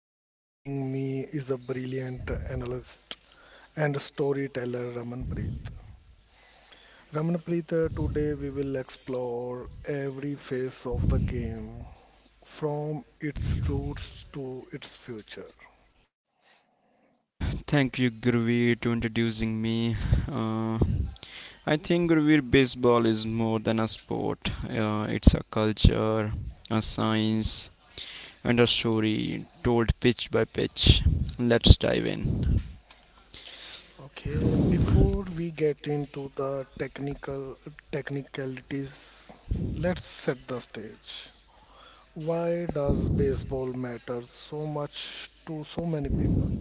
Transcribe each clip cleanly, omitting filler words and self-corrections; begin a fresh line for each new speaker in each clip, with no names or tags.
and joining me is a brilliant analyst and storyteller Ramanpreet. Ramanpreet, today we will explore every phase of the game from its roots to its future.
Thank you, Gurveer, to introducing me. Uh, I think Gurveer, baseball is more than a sport. It's a culture, a science, and a story told pitch by pitch. Let's dive in.
Okay, before we get into the technicalities, let's set the stage. Why does baseball matter so much to so many people?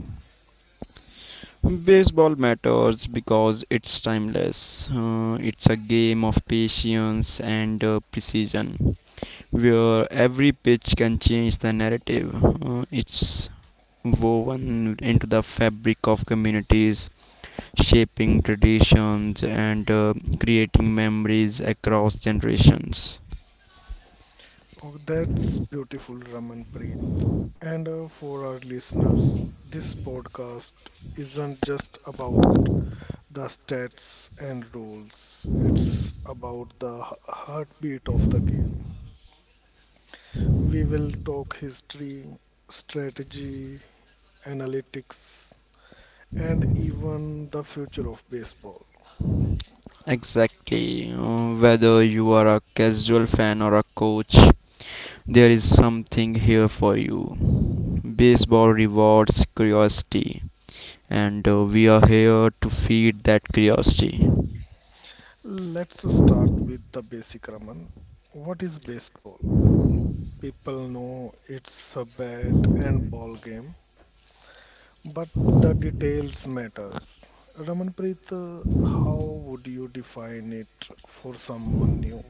Baseball matters because it's timeless. It's a game of patience and precision, where every pitch can change the narrative. It's woven into the fabric of communities shaping traditions and creating memories across generations.
Oh, that's beautiful, Ramanpreet. And for our listeners, this podcast isn't just about the stats and rules, it's about the heartbeat of the game. We will talk history, strategy, analytics, and even the future of baseball.
Exactly. Whether you are a casual fan or a coach, there is something here for you. Baseball rewards curiosity, and we are here to feed that curiosity.
Let's start with the basic, Raman. What is baseball? People know it's a bat and ball game, but the details matters. Ramanpreet, how would you define it for someone new?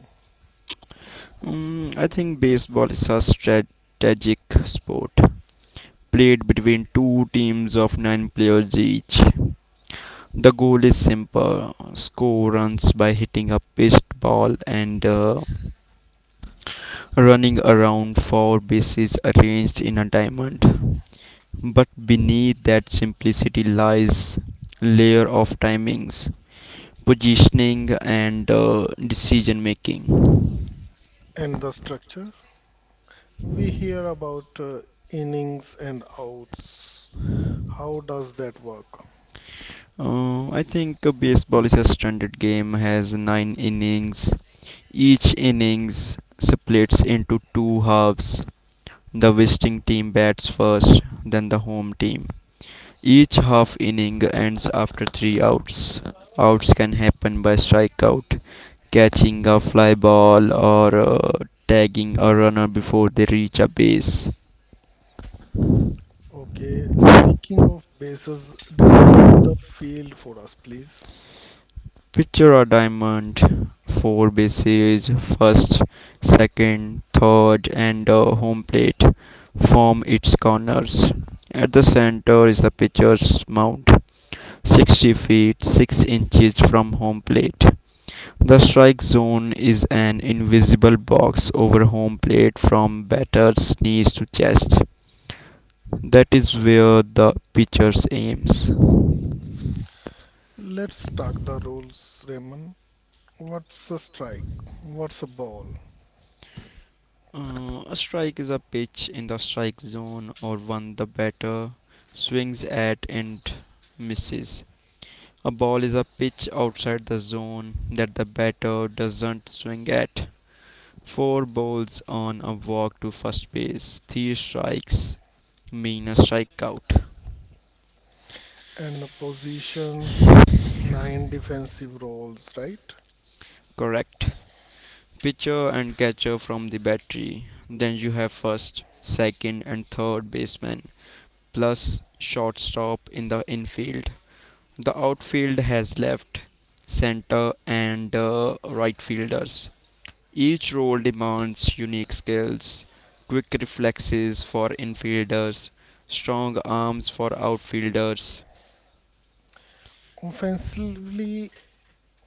I think baseball is a strategic sport played between two teams of nine players each. The goal is simple score runs by hitting a pitched ball and running around four bases arranged in a diamond. But beneath that simplicity lies a layer of timings, positioning and decision making.
And the structure? We hear about innings and outs. How does that work?
I think baseball is a standard game has 9 innings. Each innings splits into two halves. The visiting team bats first, then the home team. Each half inning ends after three outs. Outs can happen by strikeout, catching a fly ball, or tagging a runner before they reach a base.
Okay, speaking of bases, describe the field for us, please.
Picture a diamond, four bases, first, second, third, and a home plate form its corners. At the center is the pitcher's mound, 60 feet 6 inches from home plate. The strike zone is an invisible box over home plate from batter's knees to chest. That is where the pitcher aims.
Let's talk the rules, Raymond. What's a strike? What's a ball?
A strike is a pitch in the strike zone or one the batter swings at and misses. A ball is a pitch outside the zone that the batter doesn't swing at. Four balls on a walk to first base, three strikes mean a strikeout.
And positions nine defensive roles, right?
Correct. Pitcher and catcher from the battery. Then you have first, second, and third baseman, plus shortstop in the infield. The outfield has left, center, and right fielders. Each role demands unique skills, quick reflexes for infielders, strong arms for outfielders.
Offensively,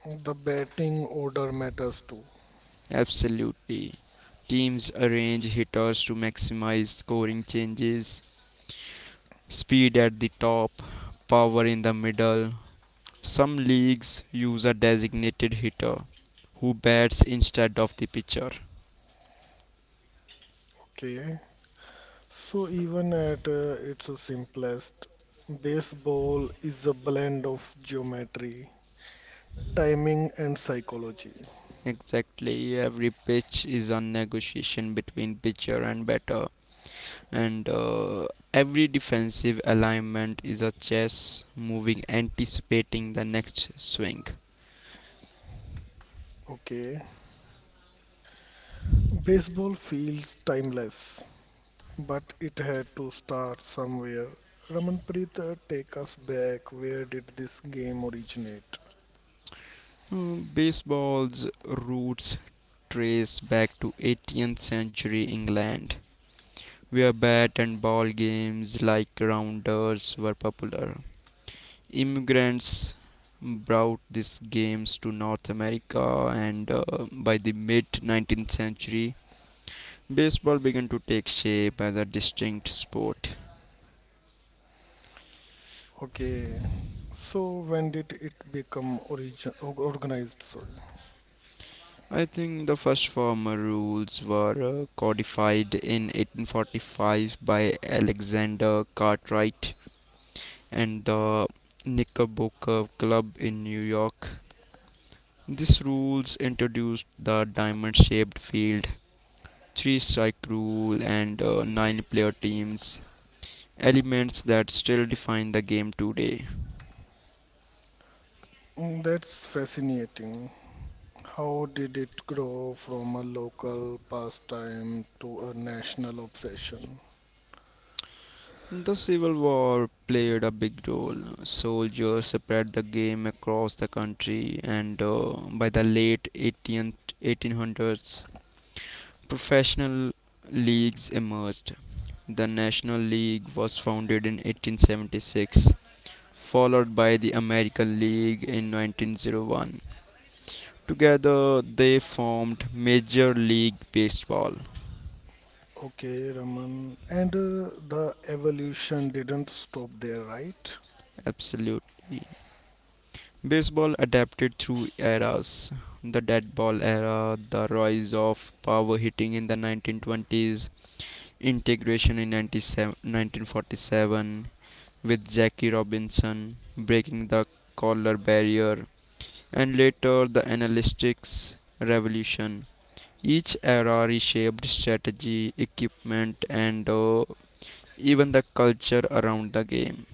the batting order matters too.
Absolutely. Teams arrange hitters to maximize scoring changes speed at the top, power in the middle. Some leagues use a designated hitter who bats instead of the pitcher.
Okay, so even at its simplest, baseball is a blend of geometry, timing, and psychology.
Exactly, every pitch is a negotiation between pitcher and batter, and every defensive alignment is a chess moving, anticipating the next swing.
Okay, baseball feels timeless, but it had to start somewhere. Ramanpreet, take us back. Where did this game originate?
Baseball's roots trace back to 18th century England where bat and ball games like rounders were popular. Immigrants brought these games to North America, and by the mid 19th century, baseball began to take shape as a distinct sport.
Okay, so when did it become organized? Sorry.
I think the first formal rules were codified in 1845 by Alexander Cartwright and the Knickerbocker Club in New York. These rules introduced the diamond shaped field, three strike rule, and nine player teams, elements that still define the game today.
Mm, that's fascinating. How did it grow from a local pastime to a national obsession?
The Civil War played a big role. Soldiers spread the game across the country, and by the late 18th, 1800s, professional leagues emerged. The National League was founded in 1876 followed by the American League in 1901. Together, they formed Major League Baseball.
Okay, Raman. And the evolution didn't stop there, right?
Absolutely. Baseball adapted through eras the dead ball era, the rise of power hitting in the 1920s, integration in 1947 with Jackie Robinson breaking the collar barrier, and later the analytics revolution. Each era reshaped strategy, equipment, and even the culture around the game.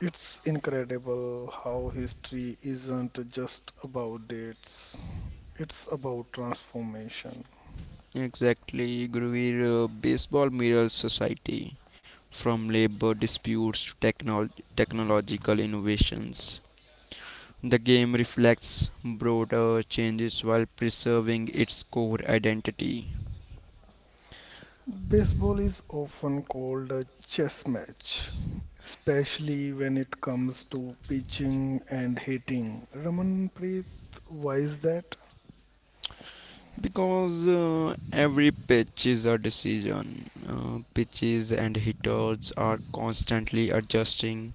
It's incredible how history isn't just about dates, it's about transformation.
Exactly, Guruveer, baseball mirrors society from labor disputes to technological innovations. The game reflects broader changes while preserving its core identity.
Baseball is often called a chess match, especially when it comes to pitching and hitting. Ramanpreet, why is that?
Because every pitch is a decision, pitches and hitters are constantly adjusting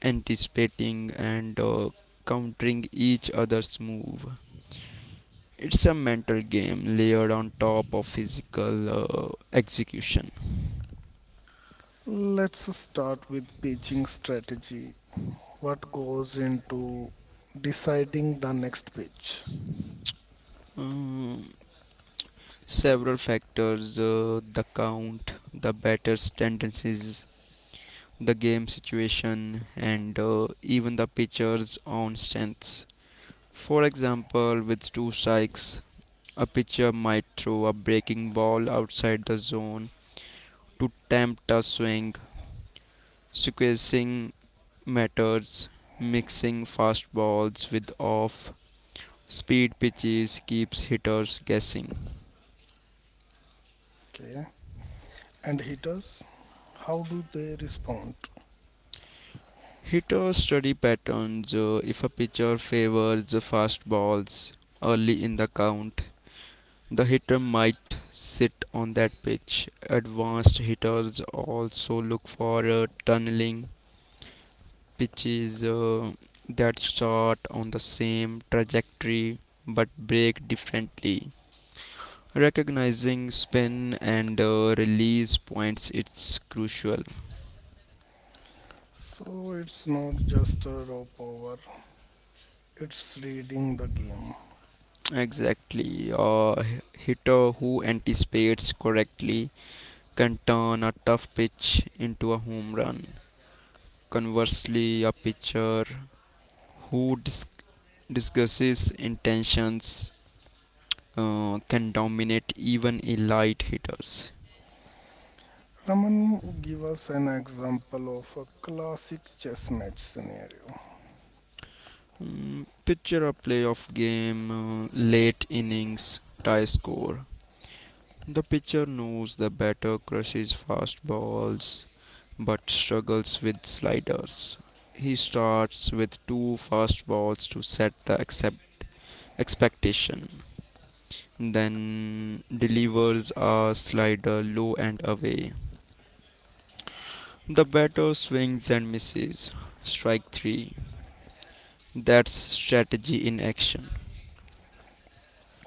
anticipating and countering each other's move. It's a mental game layered on top of physical execution.
Let's start with pitching strategy. What goes into deciding the next pitch?
Um, Several factors the count, the batter's tendencies, the game situation, and even the pitcher's own strengths. For example, with two strikes, a pitcher might throw a breaking ball outside the zone to tempt a swing, sequencing matters. Mixing fastballs with off speed pitches keeps hitters guessing.
Okay. And hitters, how do they respond?
Hitters study patterns. If a pitcher favors the fastballs early in the count, the hitter might sit on that pitch. Advanced hitters also look for tunneling pitches that start on the same trajectory but break differently. Recognizing spin and release points it's crucial.
So it's not just a raw power, it's reading the game.
Exactly, a hitter who anticipates correctly can turn a tough pitch into a home run. Conversely, a pitcher who discusses intentions can dominate even elite hitters.
Raman, give us an example of a classic chess match scenario.
Mm, picture a playoff game late innings tie score. The pitcher knows the batter crushes fastballs but struggles with sliders. He starts with two fastballs to set the expectation, then delivers a slider low and away. The batter swings and misses. Strike three. That's strategy in action.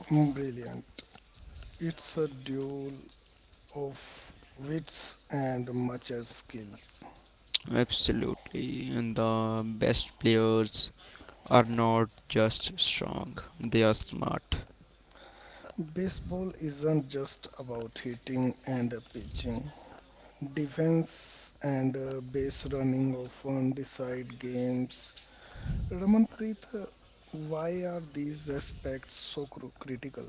Brilliant. It's a duel of wits and much as skills.
Absolutely. And the best players are not just strong, they are smart.
Baseball isn't just about hitting and pitching. Defense and base running often decide games. Ramanpreet, why are these aspects so critical?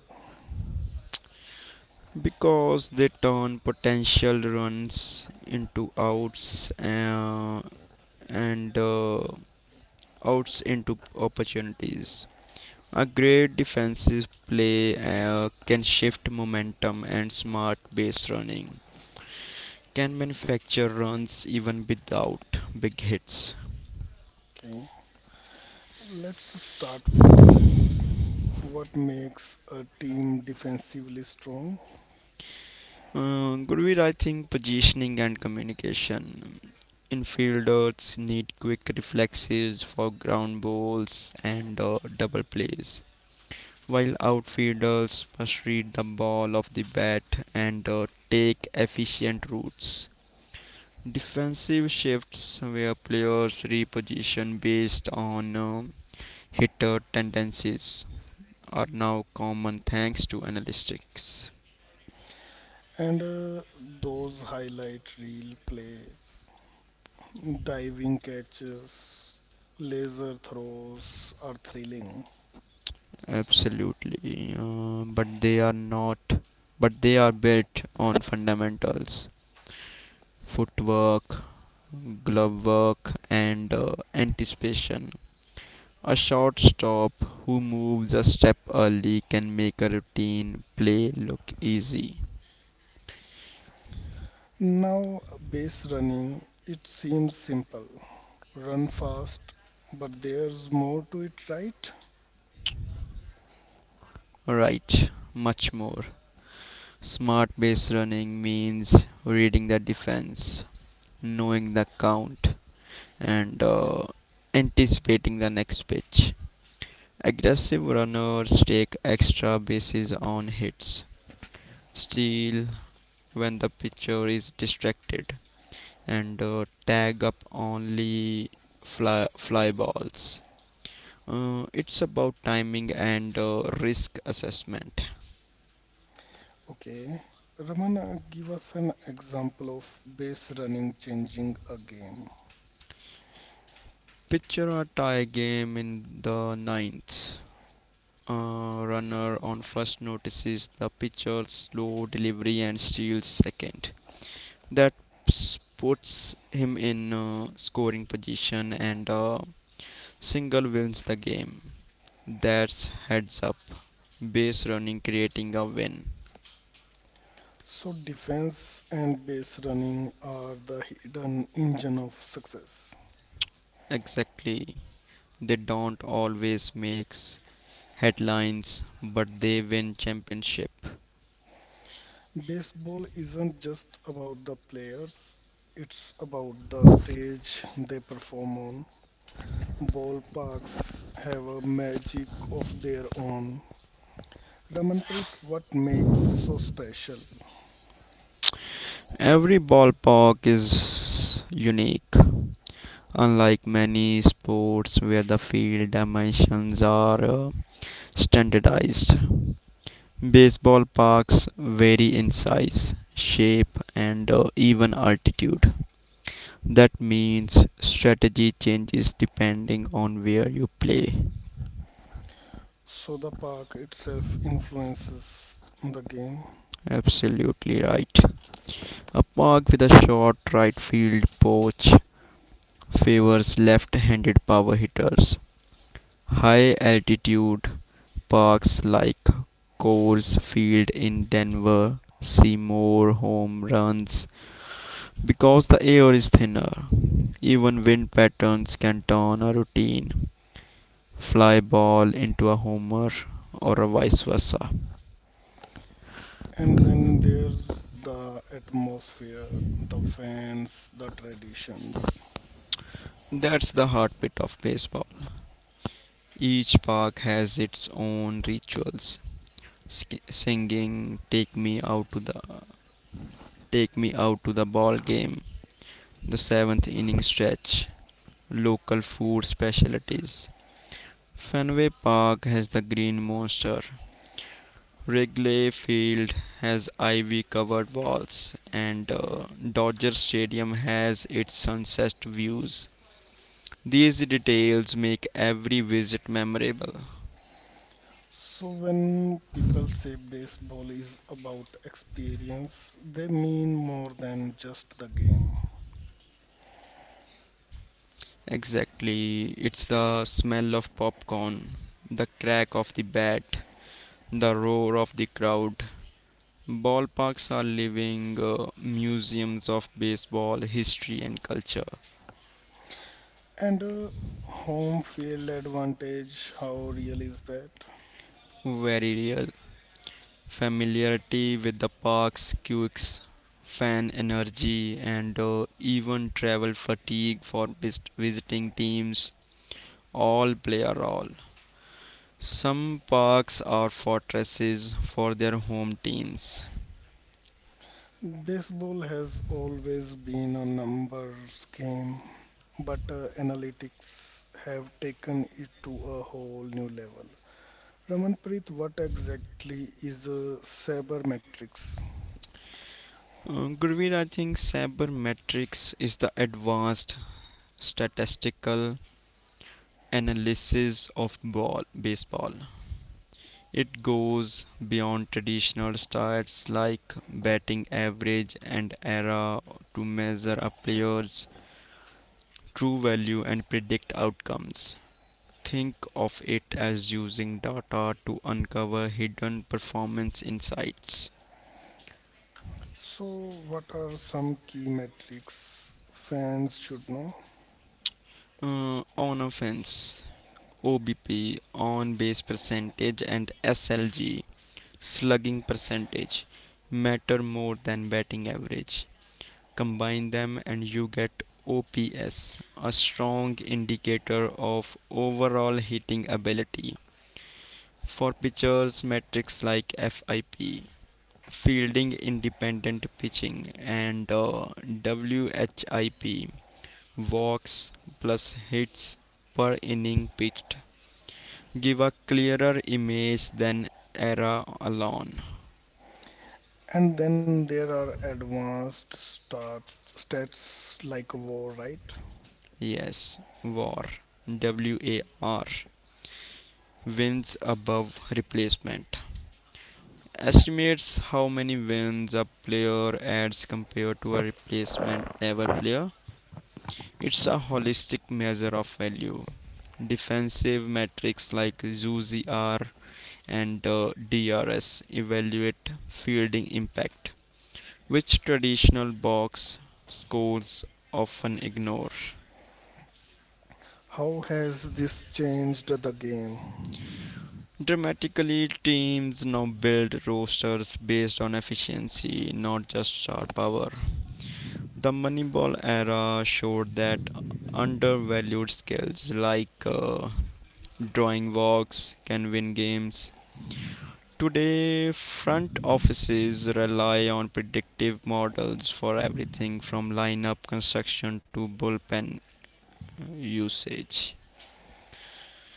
Because they turn potential runs into outs and outs into opportunities. A great defensive play can shift momentum, and smart base running can manufacture runs even without big hits.
Okay, let's start with defense. What makes a team defensively strong,
Gurveer, I think positioning and communication. Infielders need quick reflexes for ground balls and double plays, while outfielders must read the ball of the bat and take efficient routes. Defensive shifts where players reposition based on hitter tendencies are now common thanks to analytics.
and those highlight reel plays, diving catches, laser throws are thrilling.
Absolutely, but they are not. But they are built on fundamentals: footwork, glove work, and anticipation. A shortstop who moves a step early can make a routine play look easy.
Now, base running, it seems simple. Run fast, but there's more to it, right?
Right, much more. Smart base running means reading the defense, knowing the count, and anticipating the next pitch. Aggressive runners take extra bases on hits, steal when the pitcher is distracted, and tag up only fly balls. It's about timing and risk assessment.
Okay. Ramana, give us an example of base running changing a game.
Picture a tie game in the ninth. Runner on first notices the pitcher's slow delivery and steals second. That puts him in scoring position and single wins the game. That's heads up. Base running creating a win.
So defense and base running are the hidden engine of success.
Exactly. They don't always makes headlines, but they win championship.
Baseball isn't just about the players, it's about the stage they perform on. Ballparks have a magic of their own. Ramanpreet, what makes so special?
Every ballpark is unique, unlike many sports where the field dimensions are standardized. Baseball parks vary in size, shape, and even altitude. That means strategy changes depending on where you play.
So the park itself influences the game,
Absolutely right. A park with a short right field porch favors left-handed power hitters. High-altitude parks like Coors Field in Denver see more home runs because the air is thinner. Even wind patterns can turn a routine fly ball into a homer or a vice versa.
and then there's the atmosphere, the fans, the traditions.
That's the heartbeat of baseball. Each park has its own rituals. Singing "Take me out to the ball game", the seventh inning stretch, local food specialties. Fenway Park has the Green Monster. Wrigley Field has ivy covered walls, and Dodger Stadium has its sunset views. These details make every visit memorable.
So when people say baseball is about experience, they mean more than just the game.
Exactly, it's the smell of popcorn, the crack of the bat, the roar of the crowd. Ballparks are living museums of baseball history and culture.
And home field advantage, how real is that?
Very real. Familiarity with the park's quirks, fan energy, and even travel fatigue for visiting teams all play a role. Some parks are fortresses for their home teams.
Baseball has always been a numbers game, but analytics have taken it to a whole new level. Ramanpreet, what exactly is a sabermetrics?
Gurveer, I think sabermetrics is the advanced statistical analysis of ball baseball. It goes beyond traditional stats like batting average and era to measure a player's true value and predict outcomes. Think of it as using data to uncover hidden performance insights.
So, what are some key metrics fans should know?
On offense, OBP, on base percentage, and SLG, slugging percentage, matter more than batting average. Combine them and you get OPS, a strong indicator of overall hitting ability. For pitchers, metrics like FIP, fielding independent pitching, and WHIP, walks plus hits per inning pitched, give a clearer image than ERA alone.
And then there are advanced stats like war, right?
Yes, WAR, wins above replacement, estimates how many wins a player adds compared to a replacement level player. It's a holistic measure of value. Defensive metrics like ZUZR and DRS evaluate fielding impact, which traditional box scores often ignore.
How has this changed the game?
Dramatically, teams now build rosters based on efficiency, not just star power. The Moneyball era showed that undervalued skills like drawing walks can win games. Today, front offices rely on predictive models for everything from lineup construction to bullpen usage.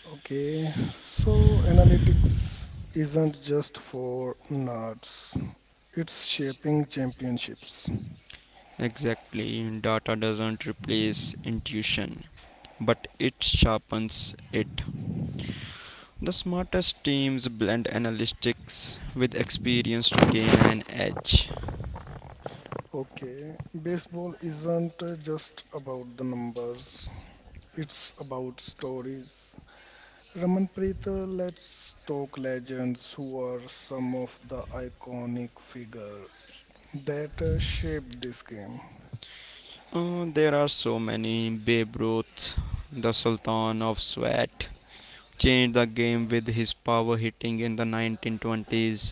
Okay, so analytics isn't just for nerds. It's shaping championships.
Exactly, data doesn't replace intuition, but it sharpens it. The smartest teams blend analytics with experience to gain an edge.
Okay, baseball isn't just about the numbers. It's about stories. Ramanpreet, let's talk legends who are some of the iconic figure that shaped this game.
There are so many. Babe Ruth, the Sultan of Sweat, changed the game with his power hitting in the 1920s.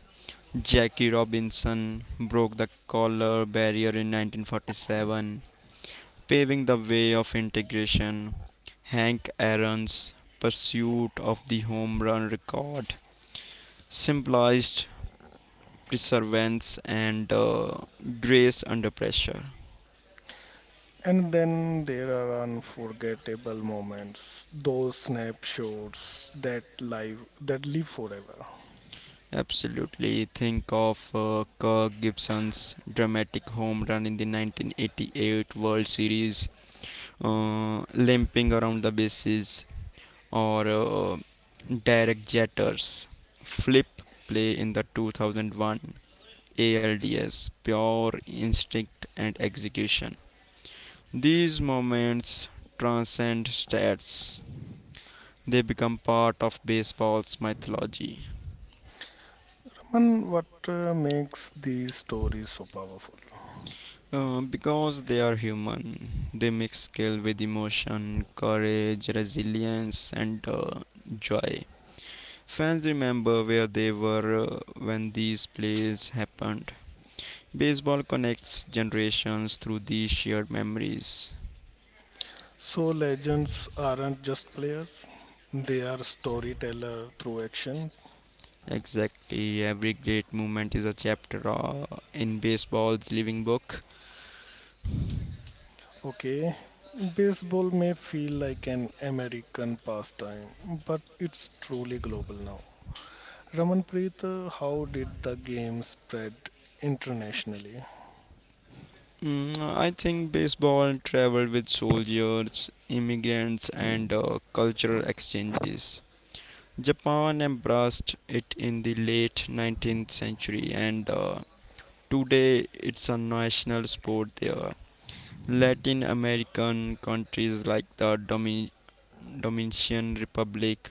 Jackie Robinson broke the collar barrier in 1947, paving the way of integration. Hank Aaron's pursuit of the home run record symbolized perseverance and grace under pressure.
And then there are unforgettable moments, those snapshots that live forever.
Absolutely. Think of Kirk Gibson's dramatic home run in the 1988 World Series, limping around the bases, or Derek Jeter's flip play in the 2001 ALDS, pure instinct and execution. These moments transcend stats. They become part of baseball's mythology.
And what makes these stories so powerful?
Because they are human, they mix skill with emotion, courage, resilience, and joy. Fans remember where they were when these plays happened. Baseball connects generations through these shared memories.
So legends aren't just players; they are storyteller through actions.
Exactly, every great moment is a chapter in baseball's living book.
Okay, baseball may feel like an American pastime, but it's truly global now. Ramanpreet, how did the game spread internationally?
Mm, I think baseball traveled with soldiers, immigrants, and cultural exchanges. Japan embraced it in the late 19th century and today it's a national sport there. Latin American countries like the Dominican Republic,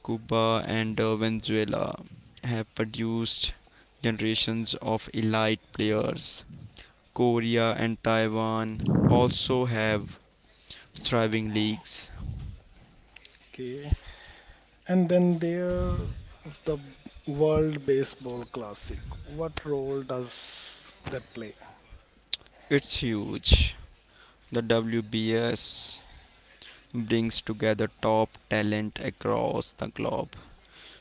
Cuba, and Venezuela have produced generations of elite players. Korea and Taiwan also have thriving leagues.
Okay. And then there's the World Baseball Classic. What role does that play?
It's huge. The WBS brings together top talent across the globe,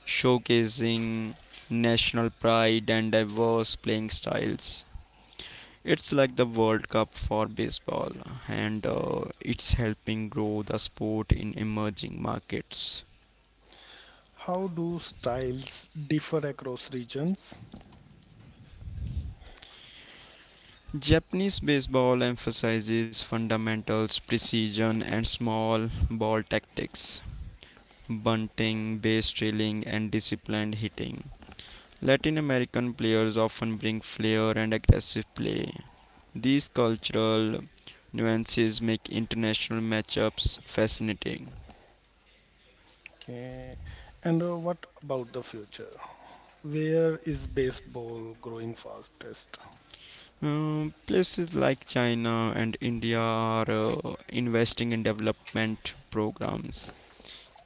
showcasing national pride and diverse playing styles. It's like the World Cup for baseball, and it's helping grow the sport in emerging markets.
How do styles differ across regions?
Japanese baseball emphasizes fundamentals, precision, and small ball tactics, bunting, base stealing, and disciplined hitting. Latin American players often bring flair and aggressive play. These cultural nuances make international matchups fascinating.
Okay. And what about the future? Where is baseball growing fastest?
Places like China and India are investing in development programs.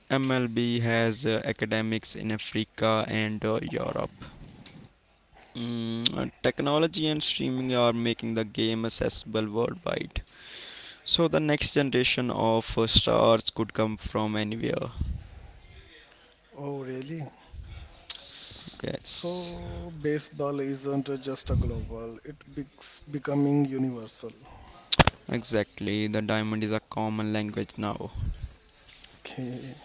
MLB has academics in Africa and Europe. Technology and streaming are making the game accessible worldwide. So, the next generation of stars could come from anywhere.
Oh, really? S-
Yes,
So, baseball isn't just a global, it becs becoming universal.
exactly. The diamond is a common language now
Okay.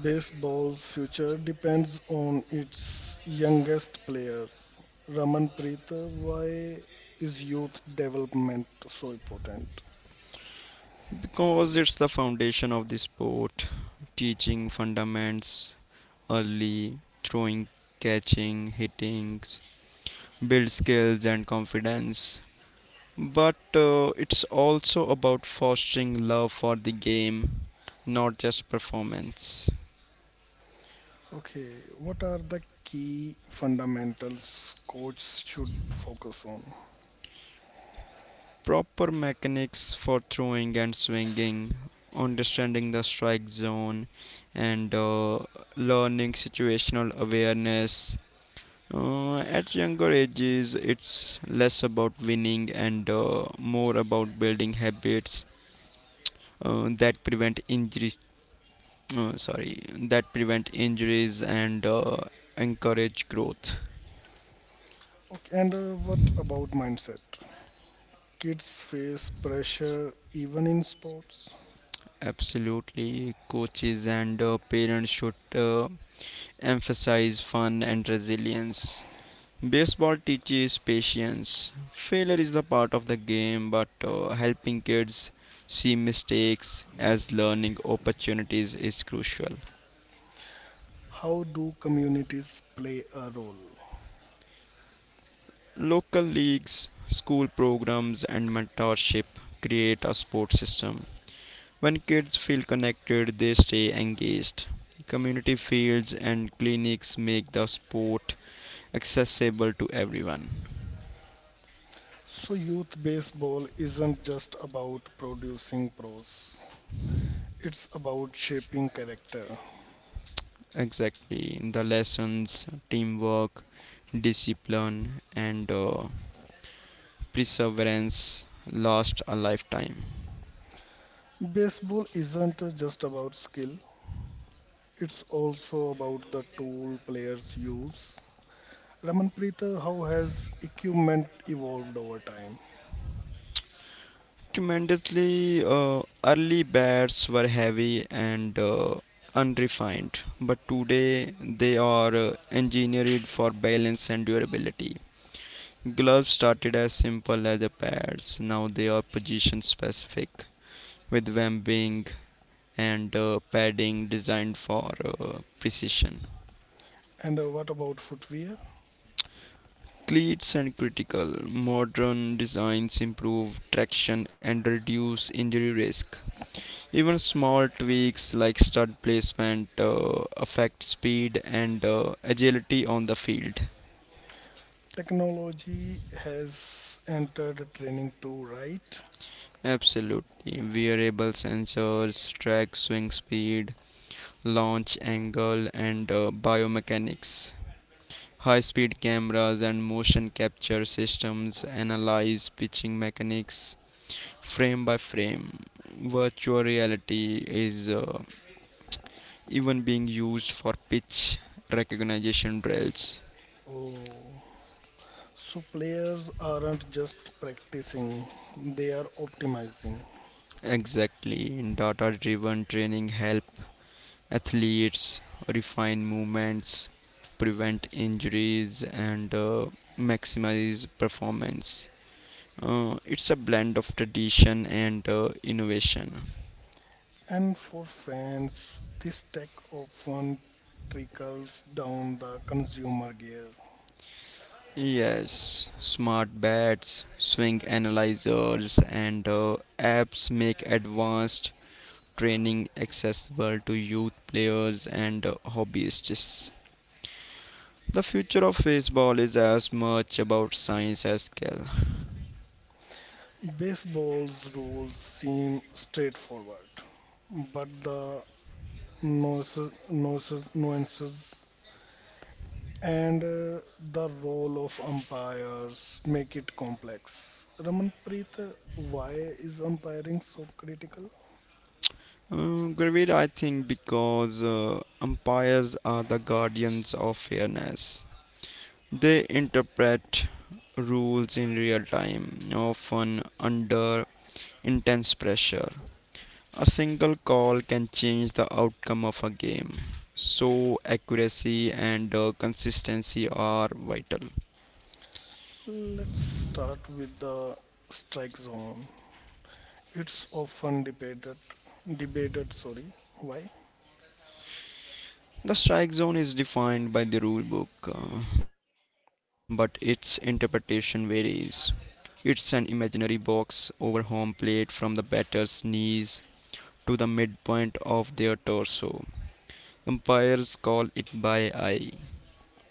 Baseball's future depends on its youngest players. Ramanpreet, why is youth development so important?
because it's the foundation of the sport, teaching fundamentals early, throwing, catching, hitting, build skills and confidence. But it's also about fostering love for the game, not just performance.
Okay, what are the key fundamentals coach should focus on?
Proper mechanics for throwing and swinging, understanding the strike zone, and learning situational awareness. At younger ages, it's less about winning and more about building habits that prevent injuries and encourage growth.
Okay, and what about mindset? Kids face pressure even in sports.
Absolutely, coaches and parents should emphasize fun and resilience. Baseball teaches patience. Failure is the part of the game, but helping kids see mistakes as learning opportunities is crucial.
How do communities play a role?
Local leagues, school programs, and mentorship create a sports system. When kids feel connected, they stay engaged. Community fields and clinics make the sport accessible to everyone.
So, youth baseball isn't just about producing pros, it's about shaping character.
Exactly, the lessons, teamwork, discipline, and perseverance last a lifetime.
Baseball isn't just about skill, it's also about the tool players use. Ramanpreet, how has equipment evolved over time?
Tremendously. Early bats were heavy and unrefined, but today they are engineered for balance and durability. Gloves started as simple as the pads, now they are position specific, with vamping and padding designed for precision.
And what about footwear?
Cleats and critical modern designs improve traction and reduce injury risk. Even small tweaks like stud placement affect speed and agility on the field.
Technology has entered training too, right?
Absolutely. Wearable sensors track swing speed, launch angle, and biomechanics. High speed cameras and motion capture systems analyze pitching mechanics frame by frame. Virtual reality is even being used for pitch recognition drills.
Oh, so players aren't just practicing, they are optimizing.
Exactly. Data driven training help athletes refine movements, prevent injuries, and maximize performance. It's a blend of tradition and innovation.
And for fans, this tech often trickles down the consumer gear.
Yes, smart bats, swing analyzers, and apps make advanced training accessible to youth players and hobbyists. The future of baseball is as much about science as skill.
Baseball's rules seem straightforward, but the nuances and the role of umpires make it complex. Ramanpreet, why is umpiring so critical?
Gravit, I think, because umpires are the guardians of fairness. They interpret rules in real time, often under intense pressure. A single call can change the outcome of a game, so accuracy and consistency are vital.
Let's start with the strike zone. It's often debated, sorry, why?
The strike zone is defined by the rule book, but its interpretation varies. It's an imaginary box over home plate from the batter's knees to the midpoint of their torso. Umpires call it by eye,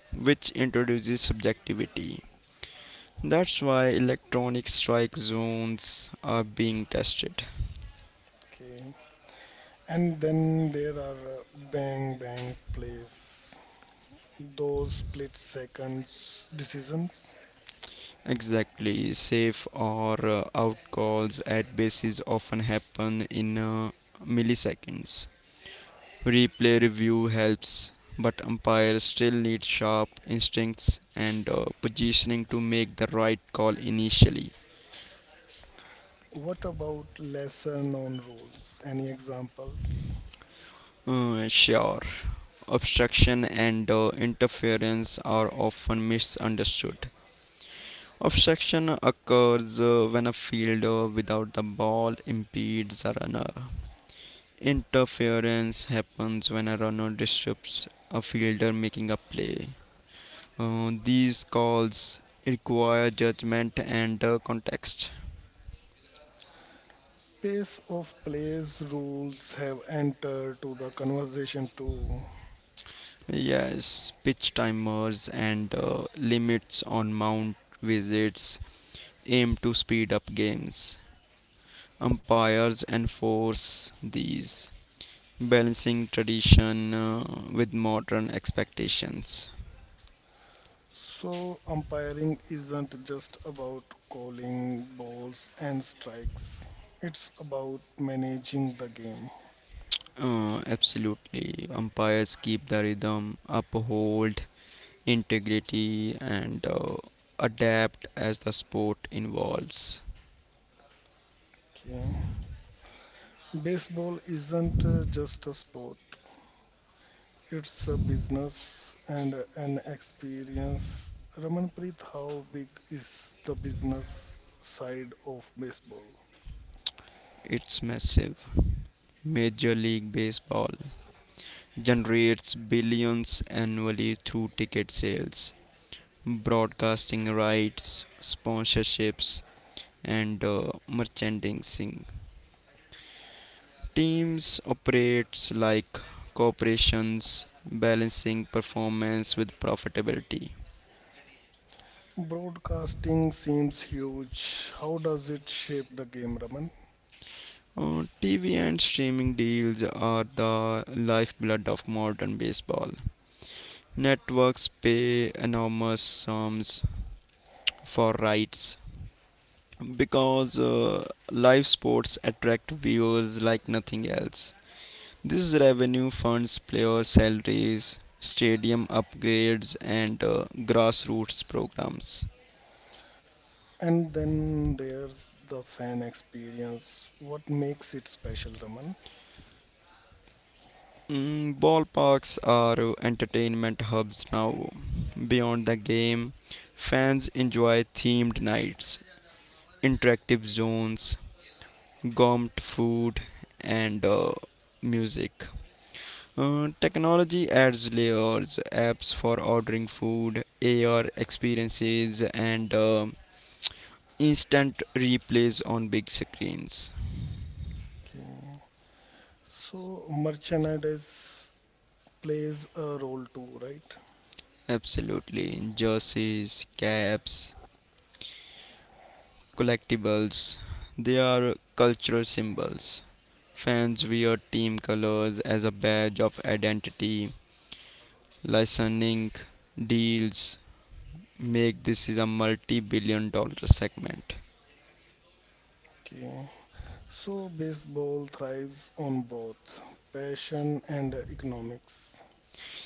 which introduces subjectivity. That's why electronic strike zones are being tested.
Okay. And then there are bang bang plays, those split seconds decisions.
Exactly, safe or out calls at bases often happen in milliseconds. Replay review helps, but umpires still need sharp instincts and positioning to make the right call initially.
What about lesser known rules? Any examples?
Sure, obstruction and interference are often misunderstood. Obstruction occurs when a fielder without the ball impedes a runner. Interference happens when a runner disrupts a fielder making a play. These calls require judgment and context.
Pace of plays rules have entered to the conversation too.
Yes, pitch timers and limits on mount visits aim to speed up games. Umpires enforce these, balancing tradition with modern expectations.
So umpiring isn't just about calling balls and strikes. It's about managing the game.
Absolutely, umpires keep the rhythm, uphold integrity, and adapt as the sport evolves.
Okay. Baseball isn't just a sport, it's a business and an experience. Ramanpreet, how big is the business side of baseball?
It's massive. Major League Baseball generates billions annually through ticket sales, broadcasting rights, sponsorships, and merchandising. Teams operates like corporations, balancing performance with profitability.
Broadcasting seems huge. How does it shape the game, Raman?
TV and streaming deals are the lifeblood of modern baseball. Networks pay enormous sums for rights because live sports attract viewers like nothing else. This revenue funds player salaries, stadium upgrades, and grassroots programs.
And then there's the fan experience. What makes it special, Raman?
Ballparks are entertainment hubs now. Beyond the game, fans enjoy themed nights, interactive zones, gourmet food, and music. Technology adds layers, apps for ordering food, AR experiences, and instant replays on big screens.
Okay. So merchandise plays a role too, right?
Absolutely. Jerseys, caps, collectibles, they are cultural symbols. Fans wear team colors as a badge of identity. Licensing deals make this is a multi-billion dollar segment.
Okay. So baseball thrives on both passion and economics.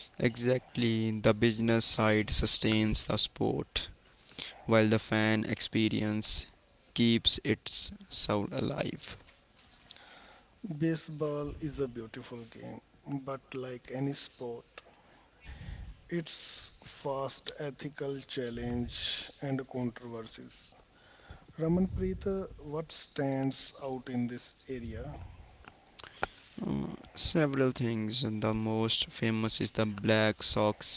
Exactly, the business side sustains the sport, while the fan experience keeps its soul alive.
Baseball is a beautiful game, but like any sport, it's fast ethical challenge and controversies. Ramanpreet, what stands out in this area?
Several things, and the most famous is the Black Sox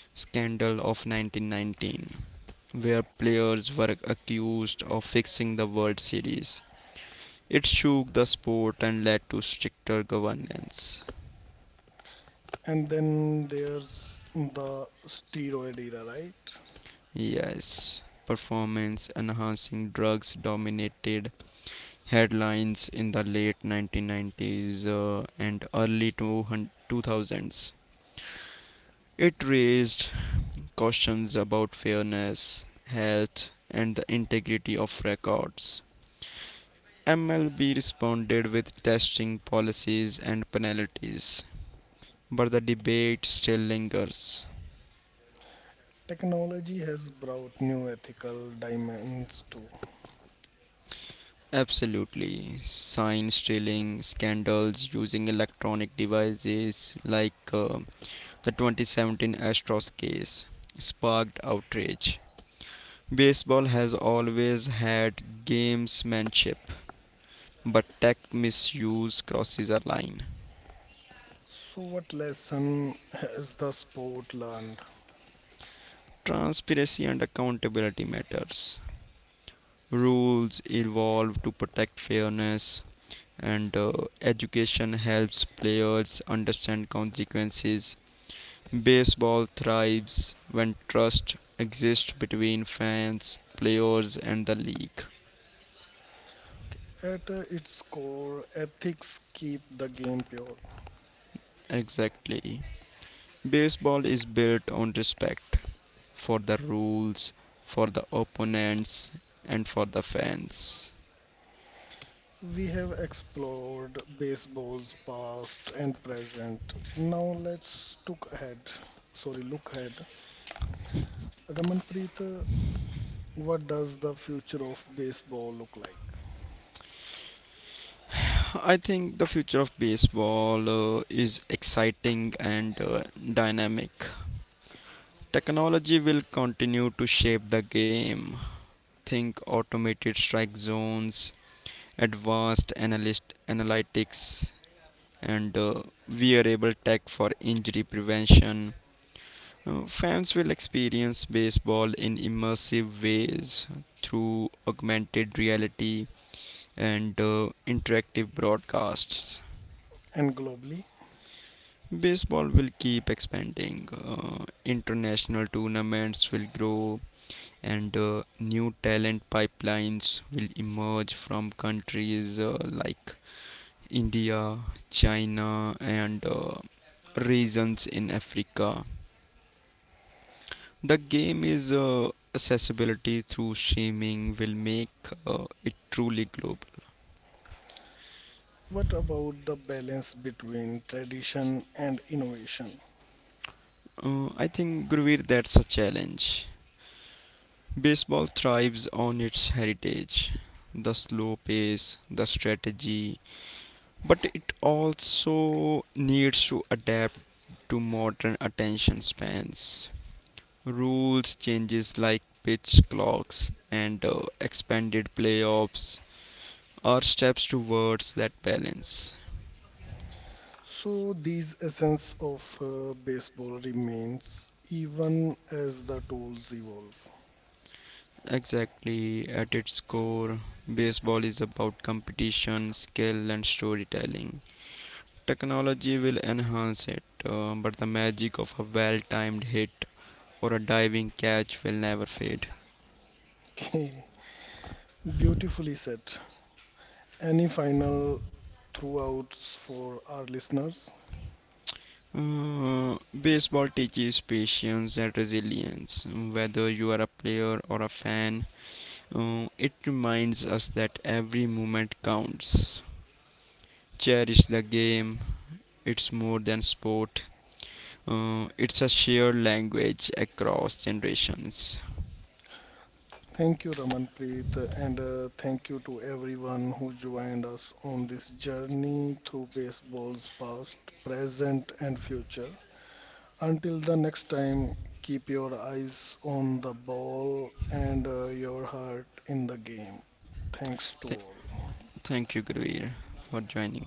scandal of 1919, where players were accused of fixing the World Series. It shook the sport and led to stricter governance.
And then there's the steroid era, right?
Yes, performance enhancing drugs dominated headlines in the late 1990s and early 2000s. It raised questions about fairness, health, and the integrity of records. MLB responded with testing policies and penalties, but the debate still lingers.
Technology has brought new ethical dimensions too.
Absolutely. Sign stealing scandals using electronic devices like the 2017 Astros case sparked outrage. Baseball has always had gamesmanship, but tech misuse crosses a line.
So, what lesson has the sport learned?
Transparency and accountability matters. Rules evolve to protect fairness, and education helps players understand consequences. Baseball thrives when trust exists between fans, players, and the league.
At its core, ethics keep the game pure.
Exactly. Baseball is built on respect for the rules, for the opponents, and for the fans.
We have explored baseball's past and present. Now let's look ahead. Sorry, look ahead. Ramanpreet, what does the future of baseball look like?
I think the future of baseball is exciting and dynamic. Technology will continue to shape the game. Think automated strike zones, advanced analyst analytics, and wearable tech for injury prevention. Fans will experience baseball in immersive ways through augmented reality, and interactive broadcasts.
And globally,
Baseball will keep expanding, international tournaments will grow, and new talent pipelines will emerge from countries like India, China, and regions in Africa. The game is accessibility through streaming will make it truly global.
what about the balance between tradition and innovation?
I think Gurveer that's a challenge. Baseball thrives on its heritage, the slow pace, the strategy, but it also needs to adapt to modern attention spans. Rules changes like pitch clocks and expanded playoffs are steps towards that balance.
So, these essence of baseball remains even as the tools evolve.
Exactly, at its core, baseball is about competition, skill, and storytelling. Technology will enhance it, but the magic of a well timed hit or a diving catch will never fade.
Okay, beautifully said. Any final throughout for our listeners?
Uh, Baseball teaches patience and resilience. Whether you are a player or a fan, it reminds us that every moment counts. Cherish the game, it's more than sport, it's a shared language across generations.
Thank you, Ramanpreet, and thank you to everyone who joined us on this journey through baseball's past, present, and future. Until the next time, keep your eyes on the ball and your heart in the game. Thanks
Th-
to all.
Thank you, Guruir, for joining me.